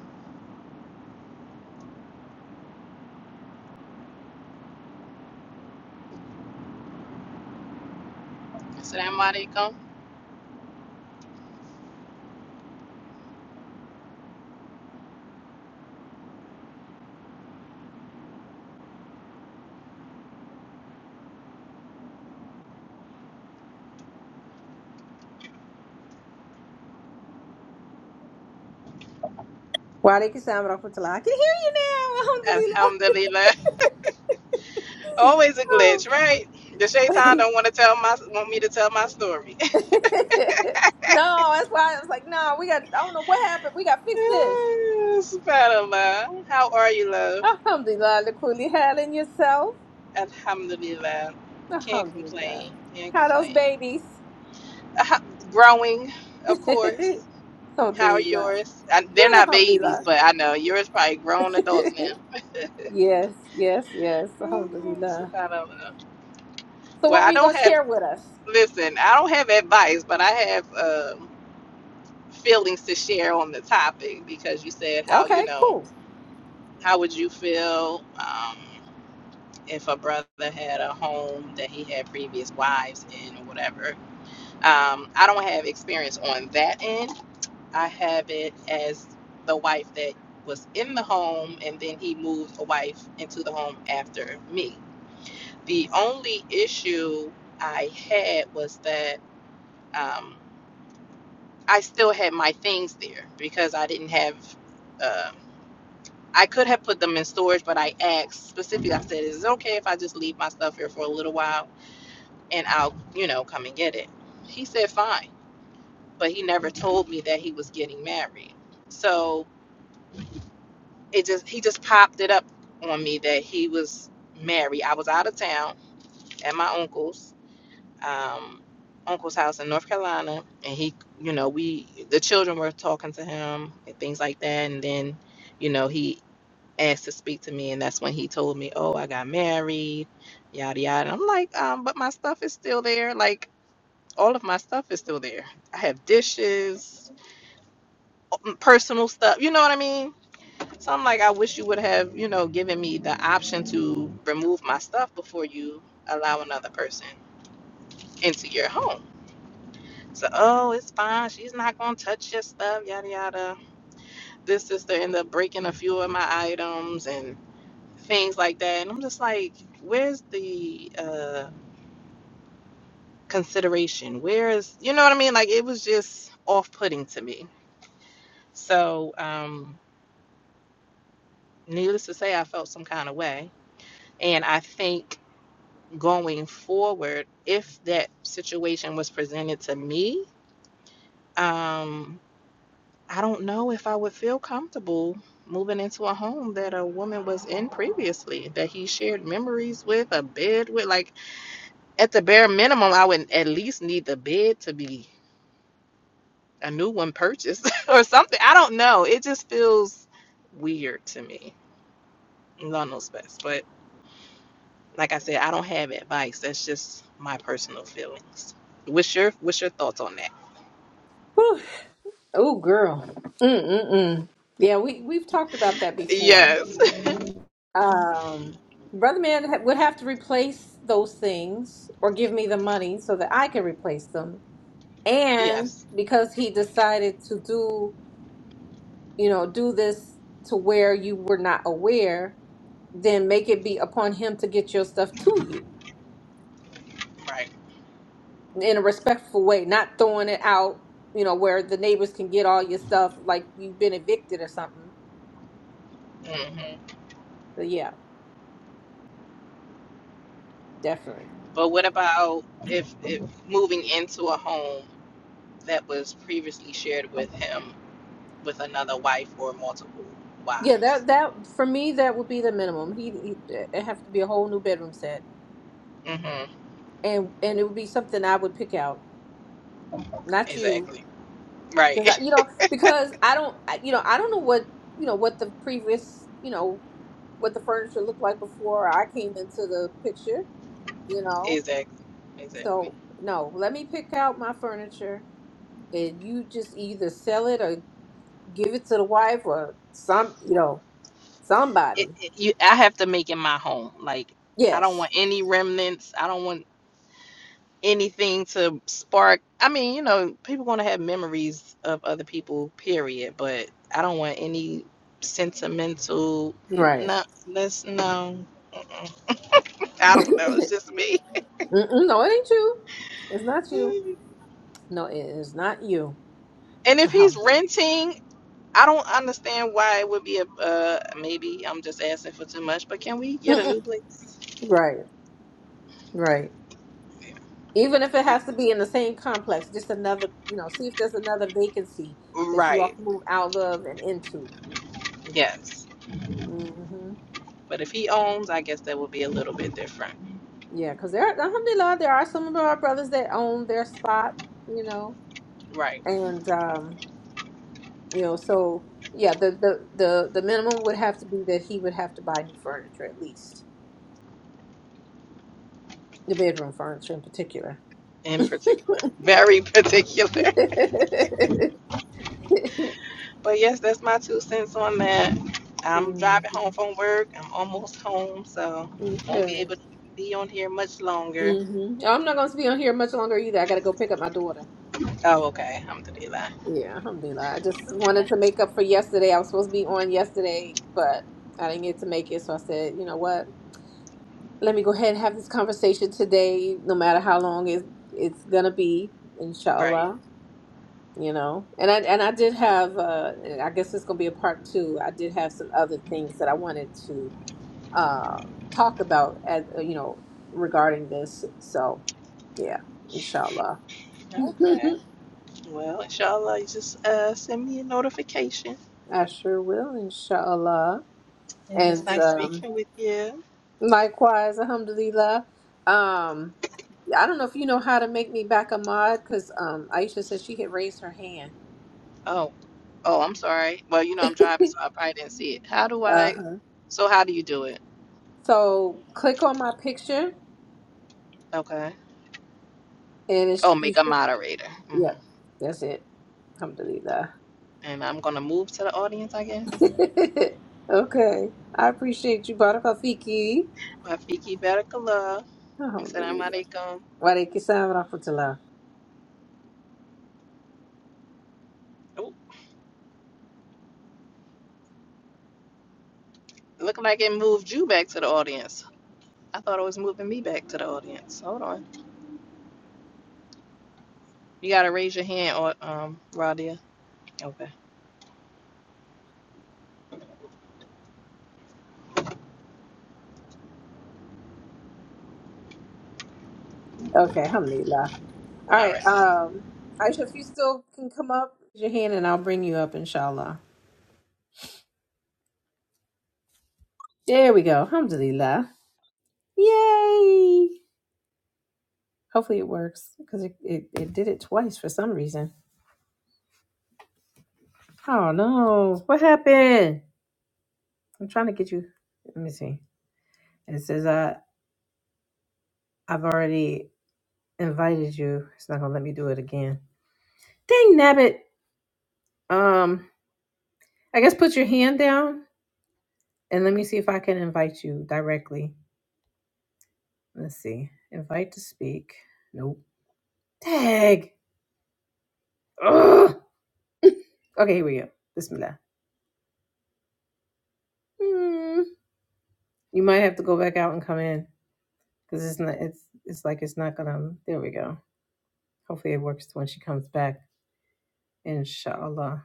Speaker 2: Assalamu alaikum.
Speaker 1: Why they can sound off until I can
Speaker 2: Alhamdulillah.
Speaker 1: hear you now.
Speaker 2: Always a glitch, right? The Shaitan
Speaker 1: Alhamdulillah.
Speaker 2: don't want to tell my want me to tell my story.
Speaker 1: no, that's why I was like, no, we got, I don't know what happened. We got to fix this.
Speaker 2: Subhanallah. How are you, love?
Speaker 1: Alhamdulillah, Lakuli, handling yourself.
Speaker 2: Alhamdulillah. Can't
Speaker 1: Alhamdulillah.
Speaker 2: complain. Can't
Speaker 1: How those
Speaker 2: complain.
Speaker 1: babies?
Speaker 2: Ah, growing, of course. How are
Speaker 1: Alhamdulillah.
Speaker 2: yours? I, they're
Speaker 1: Good,
Speaker 2: not
Speaker 1: Alhamdulillah.
Speaker 2: babies, but I know yours probably grown adults now.
Speaker 1: yes, yes, yes.
Speaker 2: Mm,
Speaker 1: Alhamdulillah.
Speaker 2: Subhanallah.
Speaker 1: So,
Speaker 2: Well,
Speaker 1: what were
Speaker 2: I
Speaker 1: you
Speaker 2: don't
Speaker 1: going to
Speaker 2: have.
Speaker 1: share with us?
Speaker 2: Listen, I don't have advice, but I have um, feelings to share on the topic because you said how you
Speaker 1: Okay,
Speaker 2: know.
Speaker 1: cool.
Speaker 2: How would you feel um, if a brother had a home that he had previous wives in or whatever? Um, I don't have experience on that end. I have it as the wife that was in the home and then he moved a wife into the home after me. The only issue I had was that um, I still had my things there because I didn't have. uh, I could have put them in storage, but I asked specifically, I said, Is it okay if I just leave my stuff here for a little while and I'll, you know, come and get it? He said, Fine. But he never told me that he was getting married. So it just, he just popped it up on me that he was married. I was out of town at my uncle's, um, uncle's house in North Carolina. And he, you know, we, the children were talking to him and things like that. And then, you know, he asked to speak to me, and that's when he told me, "Oh, I got married, yada yada." And I'm like, um, but my stuff is still there. Like all of my stuff is still there. I have dishes, mm, personal stuff. You know what I mean? So I'm like, I wish you would have, you know, given me the option to remove my stuff before you allow another person into your home. So, oh, it's fine. She's not gonna touch your stuff, yada yada. This sister ended up breaking a few of my items and things like that. And I'm just like, where's the uh, consideration? Where is, you know what I mean? Like, it was just off putting to me. So, um, needless to say, I felt some kind of way. And I think going forward, if that situation was presented to me, um, I don't know if I would feel comfortable moving into a home that a woman was in previously, that he shared memories with, a bed with. Like, at the bare minimum, I would at least need the bed to be a new one purchased or something. I don't know. It just feels weird to me. Lord knows best. But like I said, I don't have advice. That's just my personal feelings. What's your What's your thoughts on that?
Speaker 1: Oh, girl. Mm-mm-mm. Yeah, we, we've talked about that before.
Speaker 2: Yes.
Speaker 1: Um, Brother Man ha- would have to replace those things or give me the money so that I can replace them. And
Speaker 2: yes.
Speaker 1: because he decided to do, you know, do this to where you were not aware, then make it be upon him to get your stuff to you.
Speaker 2: Right.
Speaker 1: in a respectful way, not throwing it out, you know, where the neighbors can get all your stuff like you've been evicted or something.
Speaker 2: hmm
Speaker 1: But yeah, definitely.
Speaker 2: But what about if if moving into a home that was previously shared with him with another wife or multiple
Speaker 1: Yeah,
Speaker 2: wives?
Speaker 1: that that for me that would be the minimum. He, he it have to be a whole new bedroom set,
Speaker 2: hmm
Speaker 1: and and it would be something I would pick out, not you,
Speaker 2: Exactly. Right.
Speaker 1: because you know because I don't I- you know I don't know what you know what the previous you know what the furniture looked like before I came into the picture, you know.
Speaker 2: Exactly. Exactly.
Speaker 1: So no, let me pick out my furniture and you just either sell it or give it to the wife or some, you know,
Speaker 2: It,
Speaker 1: somebody.
Speaker 2: it, you, I have to make it my home. Like I don't
Speaker 1: Yes,
Speaker 2: want any remnants. I don't want anything to spark. I mean, you know, people going to have memories of other people. Period. But I don't want any sentimental. n-
Speaker 1: right.
Speaker 2: No, that's no. I don't know. It's just me.
Speaker 1: Mm-mm, no, it ain't you. It's not you.
Speaker 2: and
Speaker 1: No, it is not you.
Speaker 2: if he's
Speaker 1: Alhamdulillah.
Speaker 2: renting. I don't understand why it would be a uh, maybe I'm just asking for too much, but can we get a
Speaker 1: Mm-mm.
Speaker 2: new place?
Speaker 1: Right, right. Even if it
Speaker 2: If-
Speaker 1: has to be in the same complex, just another, you know, see if there's another vacancy that you all
Speaker 2: right.
Speaker 1: can move out of and into.
Speaker 2: Yes.
Speaker 1: hmm
Speaker 2: But if he owns, I guess that would be a little bit different.
Speaker 1: Yeah, because there, alhamdulillah, there are some of our brothers that own their spot, you know,
Speaker 2: Right.
Speaker 1: and um, You know, so yeah, the the the the minimum would have to be that he would have to buy new furniture at least, the bedroom furniture in particular.
Speaker 2: In particular. Very particular. But yes, that's my two cents on that. I'm driving home
Speaker 1: Mhm.
Speaker 2: from work. I'm almost home, so won't be
Speaker 1: Okay.
Speaker 2: able to be on here much longer.
Speaker 1: hmm I'm not going to be on here much longer either. I got to go pick up my daughter.
Speaker 2: Oh, okay. Alhamdulillah.
Speaker 1: Yeah, alhamdulillah. I just wanted to make up for yesterday. I was supposed to be on yesterday, but I didn't get to make it. So I said, you know what? Let me go ahead and have this conversation today, no matter how long it, it's going to be,
Speaker 2: Right.
Speaker 1: inshallah. you know and i and i did have uh i guess it's gonna be a part two i did have some other things that i wanted to uh talk about as uh, you know regarding this so yeah inshallah
Speaker 2: Okay. Well, inshallah, you just uh, send me a notification.
Speaker 1: i sure will inshallah
Speaker 2: It was
Speaker 1: and
Speaker 2: nice
Speaker 1: um
Speaker 2: speaking with you.
Speaker 1: likewise alhamdulillah um i don't know if you know how to make me back a mod because um aisha said she had raised her hand
Speaker 2: Oh, oh, I'm sorry. Well, you know, I'm driving, so I probably didn't see it. How do I?
Speaker 1: uh-huh
Speaker 2: So, how do you do it?
Speaker 1: so click on my picture
Speaker 2: Okay.
Speaker 1: and
Speaker 2: Oh,
Speaker 1: it's, you
Speaker 2: make
Speaker 1: should
Speaker 2: a moderator. hmm
Speaker 1: Yep, that's it. Alhamdulillah.
Speaker 2: And I'm gonna move to the audience, I guess.
Speaker 1: okay. I appreciate you, Baraka Fiki.
Speaker 2: Rafiki Barakallah. Assalamu
Speaker 1: Alhamdulillah.
Speaker 2: alaikum.
Speaker 1: Wa alaikum salam wa rahmatullah.
Speaker 2: Oh, look like it moved you back to the audience. I thought it was moving me back to the audience. Hold on. You gotta raise your hand, or um, Radia. Okay.
Speaker 1: Okay, alhamdulillah. All
Speaker 2: All right.
Speaker 1: right, um, Aisha, if you still can come up, raise your hand and I'll bring you up, inshallah. There we go. Alhamdulillah. Yay! Hopefully it works because it, it, it did it twice for some reason. Oh no. What happened? I'm trying to get you. Let me see. It says, uh, I've already. invited you. It's not gonna let me do it again. Dang nabbit. Um, I guess put your hand down and let me see if I can invite you directly. Let's see. Invite to speak. Nope. Tag. Ugh. Okay, here we go. Bismillah. Mm. You might have to go back out and come in because it's not. It's it's like it's not gonna. There we go. Hopefully it works when she comes back. Inshallah.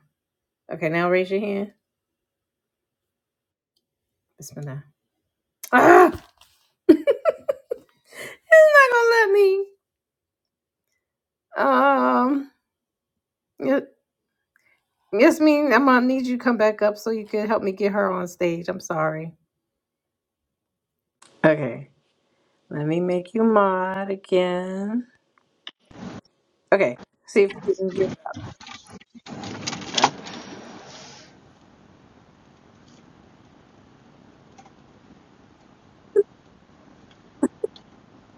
Speaker 1: Okay, now raise your hand. Bismillah. Ah, it's not gonna let me. Um. Yeah, Yes, me. I'm gonna need you to come back up so you can help me get her on stage. I'm sorry. Okay, let me make you mod again. Okay, see if you can get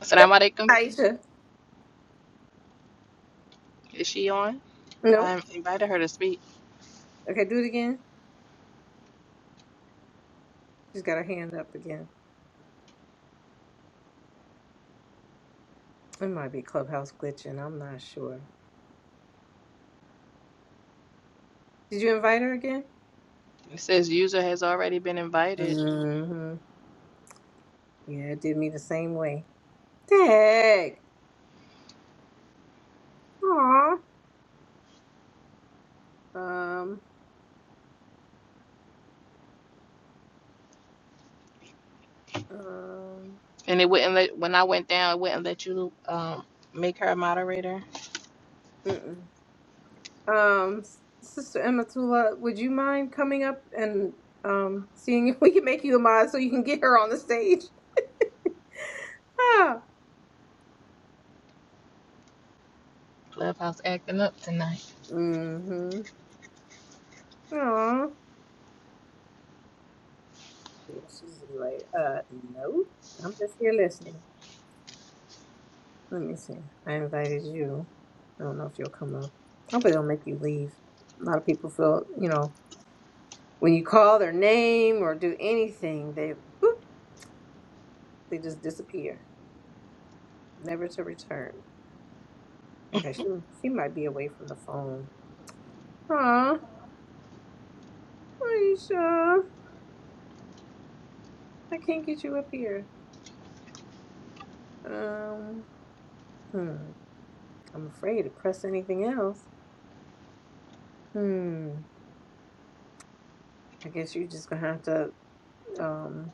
Speaker 2: Assalamu alaikum.
Speaker 1: Aisha.
Speaker 2: Is she on? I
Speaker 1: Nope.
Speaker 2: invited her to speak.
Speaker 1: Okay, do it again. She's got her hand up again. It might be Clubhouse glitching. I'm not sure. Did you invite her again?
Speaker 2: It says user has already been invited,
Speaker 1: Mm-hmm. Yeah, it did me the same way. Dang. Aw. Um. Um.
Speaker 2: and it wouldn't let. When I went down, it wouldn't let you um make her a moderator.
Speaker 1: Mm-mm. Um, S- Sister Ematula, would you mind coming up and um, seeing if we can make you a mod so you can get her on the stage? Ah.
Speaker 2: Clubhouse acting up tonight.
Speaker 1: Mm-hmm. Aw. She's like, uh, no, I'm just here listening. Let me see. I invited you. I don't know if you'll come up. Hopefully they'll make you leave. A lot of people feel, you know, when you call their name or do anything, they boop, they just disappear, never to return. Okay, she she might be away from the phone. Aw. Aisha, I can't get you up here. Um, hmm. I'm afraid to press anything else. Hmm. I guess you're just gonna have to. Um.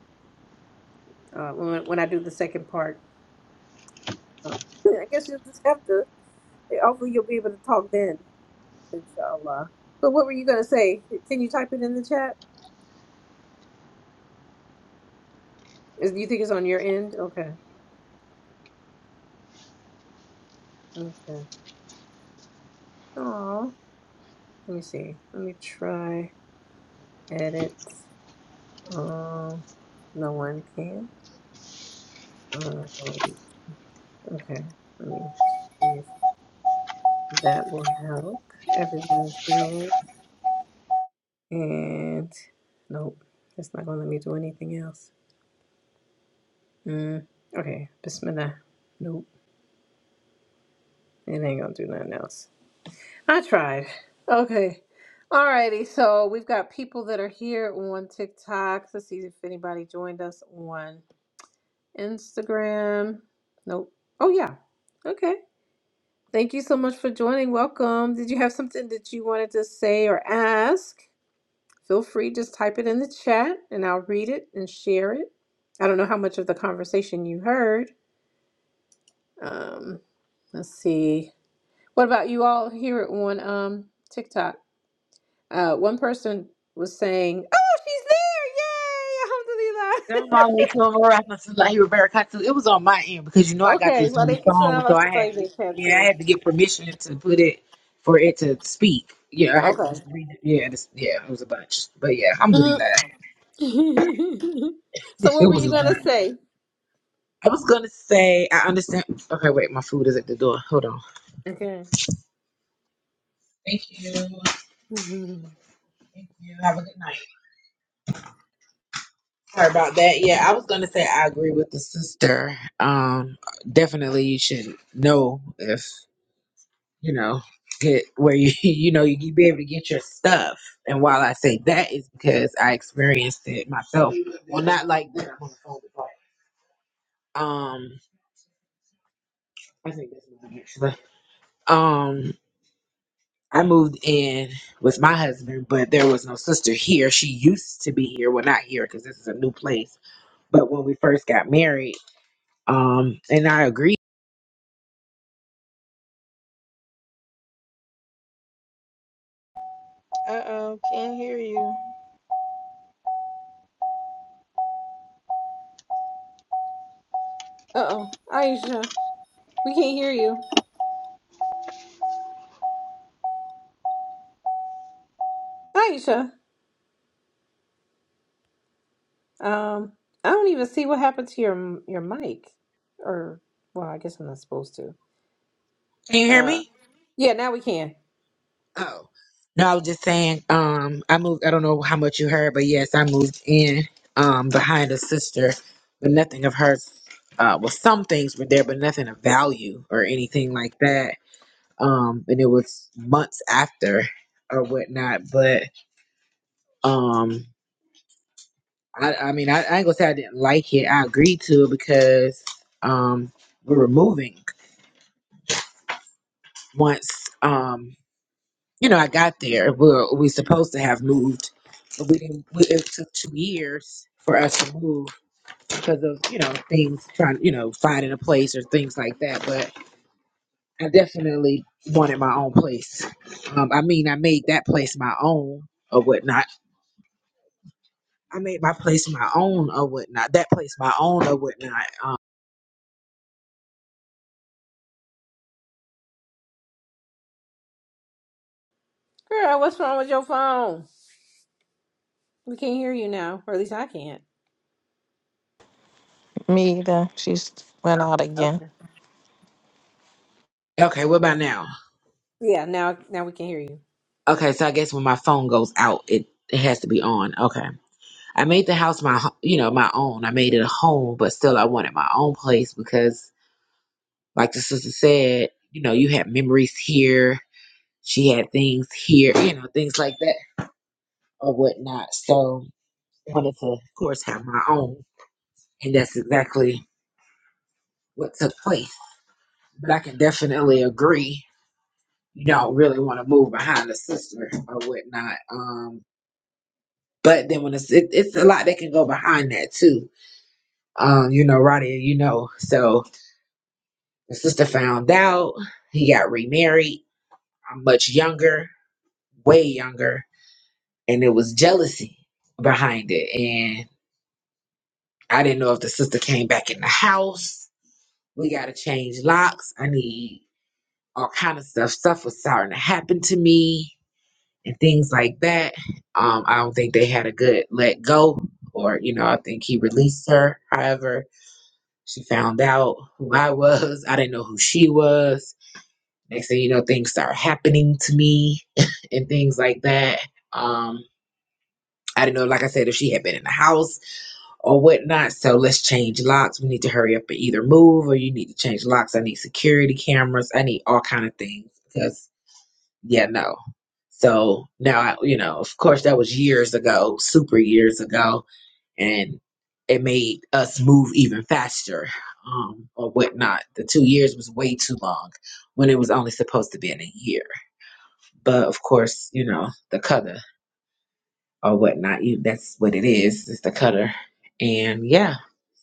Speaker 1: Uh. When when I do the second part, uh, I guess you'll just have to. Hopefully, you'll be able to talk then, inshallah. But what were you gonna say? Can you type it in the chat? Is you think it's on your end? Okay. Okay. Oh, let me see. Let me try edit. Um, no one can. Um. Okay, let me see if that will help. everyone here. And nope, it's not gonna let me do anything else. Mm, okay, Bismillah. Nope, it ain't gonna do nothing else. I tried. Okay. Alrighty, so we've got people that are here on TikTok. Let's see if anybody joined us on Instagram. Nope. Oh yeah. Okay. Thank you so much for joining. Welcome. Did you have something that you wanted to say or ask? Feel free, just type it in the chat and I'll read it and share it. I don't know how much of the conversation you heard. Um, let's see. What about you all hear it on um, TikTok? Uh, one person was saying, Oh, she's there! Yay!
Speaker 3: Them
Speaker 1: Alhamdulillah!
Speaker 3: all makeover rappers is like Roberta Cox. It was on my end because you know I got
Speaker 1: Okay,
Speaker 3: this new song, so
Speaker 1: Waalaikumsalam
Speaker 3: I had to,
Speaker 1: warahmatullahi
Speaker 3: yeah, I
Speaker 1: wabarakatuh.
Speaker 3: had to get permission to put it for it to speak. Yeah, I had to
Speaker 1: Okay.
Speaker 3: read it. Yeah, this, yeah, it was a bunch. But yeah, alhamdulillah.
Speaker 1: Mhm. so
Speaker 3: It
Speaker 1: what were
Speaker 3: was
Speaker 1: you
Speaker 3: a
Speaker 1: gonna
Speaker 3: bunch.
Speaker 1: say?
Speaker 3: I was gonna say I understand okay, wait, my food is at the door. Hold on.
Speaker 1: Okay.
Speaker 3: Thank you. Thank you. Have a good night. Sorry about that. Yeah, I was gonna say I agree with the sister. Um definitely you should know if you know, get where you you know you be able to get your stuff. And while I say that is because I experienced it myself. Well, not like that. I'm on the phone, but, um, I think that's mine actually. Um, I moved in with my husband, but there was no sister here. She used to be here. Well, not here because this is a new place. But when we first got married, um, and I agree.
Speaker 2: Uh oh, can't hear you.
Speaker 1: Uh oh, Aisha, we can't hear you. Aisha. Um, I don't even see what happened to your your mic. Or well, I guess I'm not supposed to.
Speaker 3: Can you hear me?
Speaker 1: Uh, yeah, now we can.
Speaker 3: Oh. No, I was just saying, um, I moved I don't know how much you heard, but yes, I moved in um behind a sister, but nothing of hers uh well some things were there, but nothing of value or anything like that. Um and it was months after or whatnot. But um I, I mean I, I ain't gonna say I didn't like it. I agreed to it because um we were moving once um you know, I got there. We were, we supposed to have moved, but we didn't. We, it took two years for us to move because of you know things trying, you know, finding a place or things like that. But I definitely wanted my own place. Um, I mean, I made that place my own or whatnot. I made my place my own or whatnot. That place my own or whatnot. Um,
Speaker 1: Girl, what's wrong with your phone? We can't hear you now, or at least I can't.
Speaker 2: Me either. She's went out again.
Speaker 1: Okay.
Speaker 3: okay, what about now?
Speaker 1: Yeah, now now we can hear you.
Speaker 3: Okay, so I guess when my phone goes out, it it has to be on. Okay. I made the house my, ho- you know, my own. I made it a home, but still I wanted my own place because, like the sister said, you know, you had memories here. She had things here, you know, things like that or whatnot. So I wanted to, of course, have my own. And that's exactly what took place. But I can definitely agree. You don't really want to move behind a sister or whatnot. Um, but then when it's, it, it's a lot that can go behind that too. Um, you know, Roddy, you know, so The sister found out. He got remarried. I'm much younger, way younger. And it was jealousy behind it. And I didn't know if the sister came back in the house. We gotta change locks. I need all kind of stuff. Stuff was starting to happen to me and things like that. Um, I don't think they had a good let go, or you know, I think he released her. However, she found out who I was. I didn't know who she was Next thing you know, things start happening to me and things like that. Um, I didn't know, like I said, if she had been in the house or whatnot. So let's change locks. We need to hurry up and either move or you need to change locks. I need security cameras. I need all kind of things because yeah, no. So now, I, you know, of course, that was years ago, super years ago, and it made us move even faster um, or whatnot. The two years was way too long when it was only supposed to be in a year but of course, you know, the cutter or whatnot. You, that's what it is. It's the cutter. And yeah,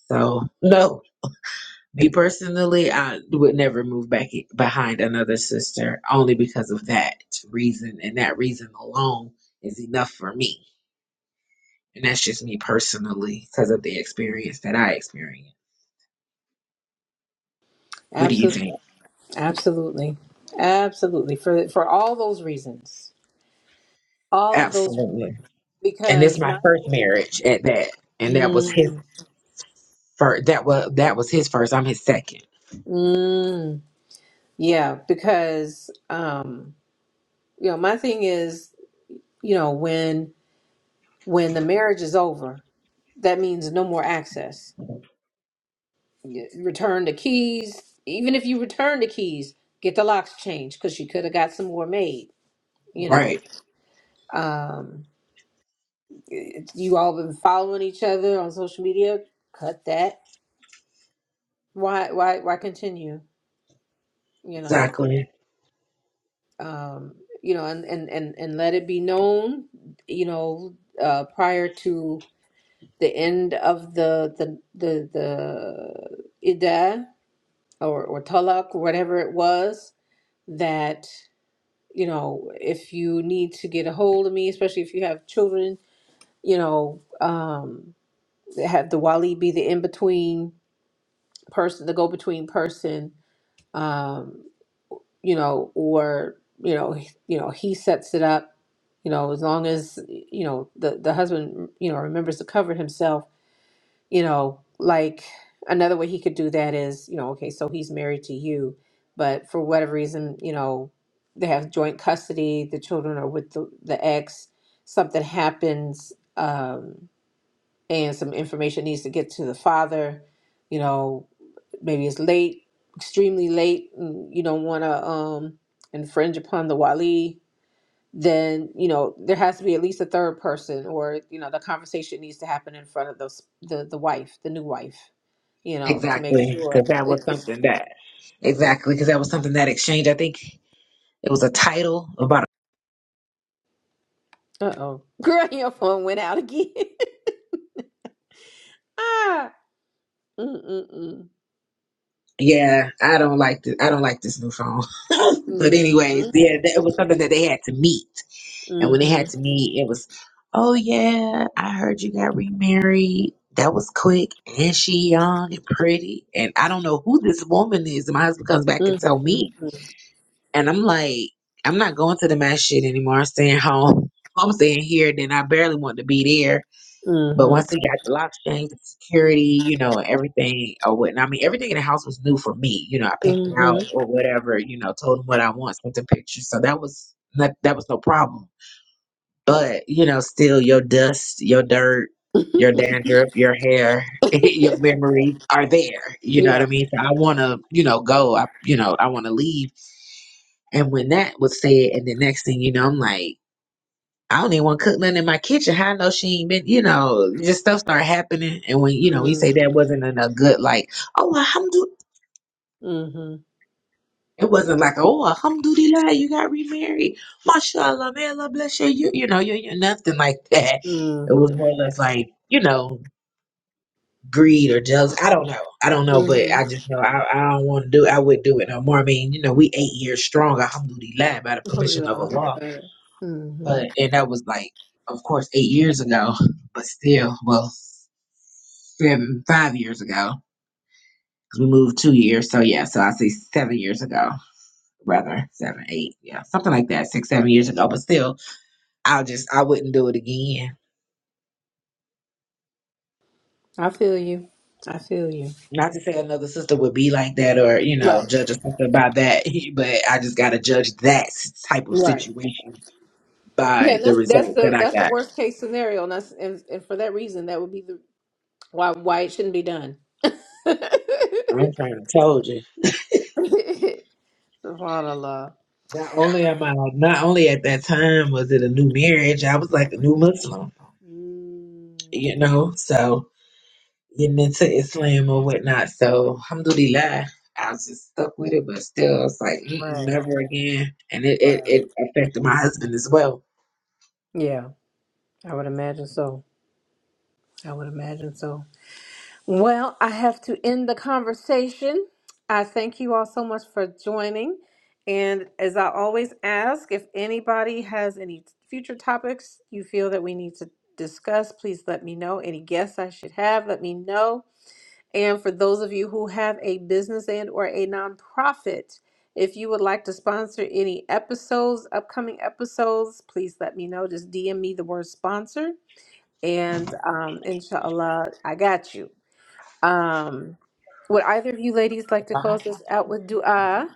Speaker 3: so no, me personally, I would never move back i- behind another sister only because of that reason. And that reason alone is enough for me. And that's just me personally because of the experience that I experienced. What do you
Speaker 1: Absolutely,
Speaker 3: think?
Speaker 1: absolutely, absolutely. For for all those reasons, all of those
Speaker 3: Absolutely. And it's
Speaker 1: because
Speaker 3: my
Speaker 1: my
Speaker 3: first marriage at that. And that was his
Speaker 1: mm,
Speaker 3: first. That was that was his first. I'm his second.
Speaker 1: mm, yeah because um you know my thing is you know when when the marriage is over that means no more access. Y- Return the keys. Even if you return the keys, get the locks changed because you could have got some more made. You know,
Speaker 3: Right.
Speaker 1: um, it- you all been following each other on social media. Cut that. Why? Why? Why continue? You know.
Speaker 3: Exactly.
Speaker 1: Um, you know, and, and and and let it be known. You know, uh, prior to the end of the the the the Ida or or talak or whatever it was that you know if you need to get a hold of me especially if you have children you know um have the wali be the in-between person the go-between person um you know or you know he- you know he sets it up you know as long as you know the the husband you know remembers to cover himself you know, like another way he could do that is, you know, okay, so he's married to you, but for whatever reason, you know, they have joint custody, the children are with the, the ex, something happens, um, and some information needs to get to the father, you know, maybe it's late, extremely late, and you don't want to um, infringe upon the wali. Then you know there has to be at least a third person, or you know the conversation needs to happen in front of the the, the wife, the new wife you know, to make
Speaker 3: Exactly,
Speaker 1: sure
Speaker 3: because that was
Speaker 1: it, it's.
Speaker 3: something that exactly because that was something that exchange. I think it was a title about.
Speaker 1: Uh oh, girl, your phone went out again. ah, mm mm
Speaker 3: Yeah, I don't like this. I don't like this new phone. but anyways,
Speaker 1: mm.
Speaker 3: yeah, that, it was something that they had to meet, and when they
Speaker 1: Mm-hmm.
Speaker 3: had to meet, it was, oh yeah, I heard you got remarried. That was quick, and she young and pretty, and I don't know who this woman is. And my husband comes back and tell me,
Speaker 1: Mm-hmm.
Speaker 3: and I'm like, I'm not going to the mass shit anymore. I'm staying home. I'm staying here. Then I barely want to be there But
Speaker 1: Mm-hmm.
Speaker 3: once he got the lock change, the security, you know, everything or whatnot. I mean, everything in the house was new for me. You know, I picked it out
Speaker 1: Mm-hmm.
Speaker 3: or whatever. You know, told him what I want, sent the pictures. So that was not, that was no problem. But you know, still, your dust, your dirt, your
Speaker 1: Mm-hmm.
Speaker 3: dandruff, your hair, your memories are there. You know what I
Speaker 1: yeah.
Speaker 3: mean? So I want to, you know, go. I, you know, I want to leave. And when that was said, and the next thing you know, I'm like. I don't even want to cook nothing in my kitchen. How I know she ain't been, you know, just stuff start happening. And when, you know, we say
Speaker 1: Mm-hmm.
Speaker 3: that wasn't in a good, like, oh, alhamdulillah. It wasn't like, oh, alhamdulillah, you got remarried. Mashallah, may Allah bless you. You, you know, you, you nothing like that. It was
Speaker 1: Mm-hmm.
Speaker 3: more or less like, you know, greed or jealous. I don't know. I don't know, but
Speaker 1: Mm-hmm.
Speaker 3: I just know I, I don't want to do I would not do it no more. I mean, you know, we eight years strong, alhamdulillah, by the
Speaker 1: Alhamdulillah,
Speaker 3: permission of Allah.
Speaker 1: alhamdulillah. Mm-hmm.
Speaker 3: But, and that was like, of course, eight years ago, but still, well. seven, five years ago. 'Cause We moved two years, so yeah, so I say seven years ago, rather seven, eight, yeah, something like that, six, seven years ago. But still, I just I wouldn't do it again.
Speaker 1: I feel you. I feel you.
Speaker 3: Not to say another sister would be like that or you know
Speaker 1: Right.
Speaker 3: judge or something by that, but I just gotta judge that type of
Speaker 1: Right.
Speaker 3: situation
Speaker 1: Yeah,
Speaker 3: by
Speaker 1: and
Speaker 3: the
Speaker 1: that's that's
Speaker 3: results that
Speaker 1: the
Speaker 3: I
Speaker 1: that's the
Speaker 3: got.
Speaker 1: worst case scenario, and that's and, and for that reason, that would be the why why it shouldn't be done.
Speaker 3: I'm trying to tell you.
Speaker 1: Subhanallah.
Speaker 3: Not only am I not only at that time was it a new marriage, I was like a new Muslim, you
Speaker 1: Mm.
Speaker 3: know, so getting into Islam or whatnot. So, alhamdulillah, I was just stuck with it, but still, it's like, Mm-mm,
Speaker 1: Right,
Speaker 3: never again. And it, it,
Speaker 1: right.
Speaker 3: it affected my husband as well.
Speaker 1: Yeah, I would imagine so. I would imagine so. Well, I have to end the conversation. I thank you all so much for joining. And as I always ask, if anybody has any future topics you feel that we need to discuss, please let me know. Any guests I should have, let me know. And for those of you who have a business and or a nonprofit, if you would like to sponsor any episodes, upcoming episodes, please let me know. Just DM me the word sponsor and um inshallah, I got you. Um would either of you ladies
Speaker 3: If
Speaker 1: like to
Speaker 3: I had
Speaker 1: close
Speaker 3: my-
Speaker 1: this out with
Speaker 3: I gotta
Speaker 1: dua?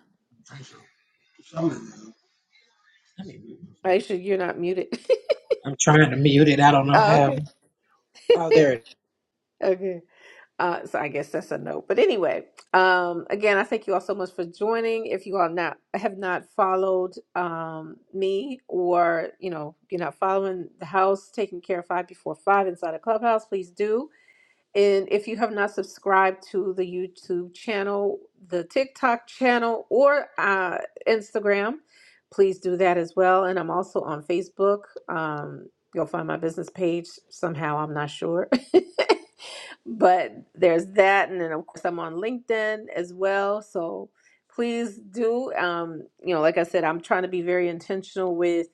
Speaker 3: turn some- some of this. Let me-
Speaker 1: Aisha, you're not muted.
Speaker 3: I'm trying to mute it. I don't know
Speaker 1: oh,
Speaker 3: how. Oh, there
Speaker 1: okay.
Speaker 3: it is.
Speaker 1: okay. Uh, so I guess that's a no. But anyway, um, again, I thank you all so much for joining. If you all not have not followed um, me, or you know you're not following the house, taking care of five before five inside a clubhouse, please do. And if you have not subscribed to the YouTube channel, the TikTok channel, or uh, Instagram, please do that as well. And I'm also on Facebook. Um, you'll find my business page somehow. I'm not sure. but there's that and then of course i'm on linkedin as well so please do um, you know like i said i'm trying to be very intentional with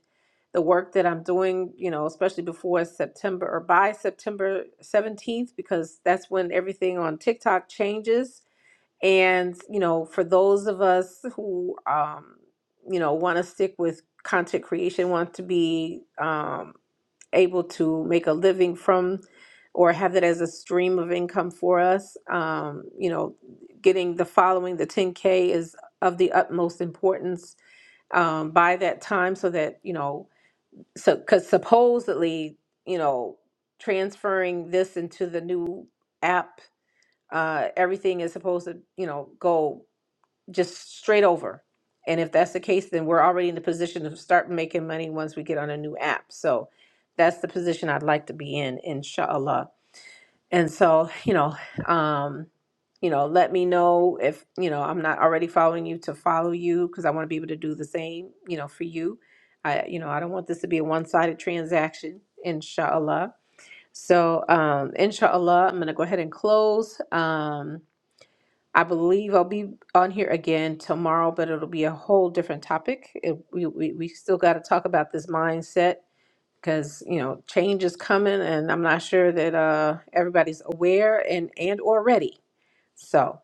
Speaker 1: the work that i'm doing you know especially before september or by september 17th because that's when everything on tiktok changes and you know for those of us who um, you know want to stick with content creation want to be um, able to make a living from or have that as a stream of income for us. Um, you know, getting the following, the 10K is of the utmost importance um, by that time so that, you know, so because supposedly, you know, transferring this into the new app, uh, everything is supposed to, you know, go just straight over. And if that's the case, then we're already in the position to start making money once we get on a new app. So that's the position I'd like to be in, inshallah. And so, you know, um, you know, let me know if, you know, I'm not already following you to follow you because I want to be able to do the same, you know, for you. I, you know, I don't want this to be a one-sided transaction, inshallah. So, um, inshallah, I'm going to go ahead and close. Um, I believe I'll be on here again tomorrow, but it'll be a whole different topic. It, we, we, we still got to talk about this mindset because you know change is coming, and I'm not sure that uh, everybody's aware and and or ready. So.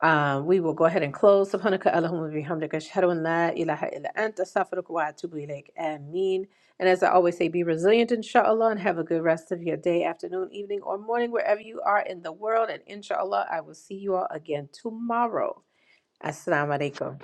Speaker 1: Um, we will go ahead and close. Subhanaka Allahumma bihamdika ashhadu an la ilaha illa anta astaghfiruka wa atubu ilaik. Ameen. And as I always say, be resilient inshallah and have a good rest of your day, afternoon, evening, or morning, wherever you are in the world. And inshallah, I will see you all again tomorrow. Assalamu alaikum.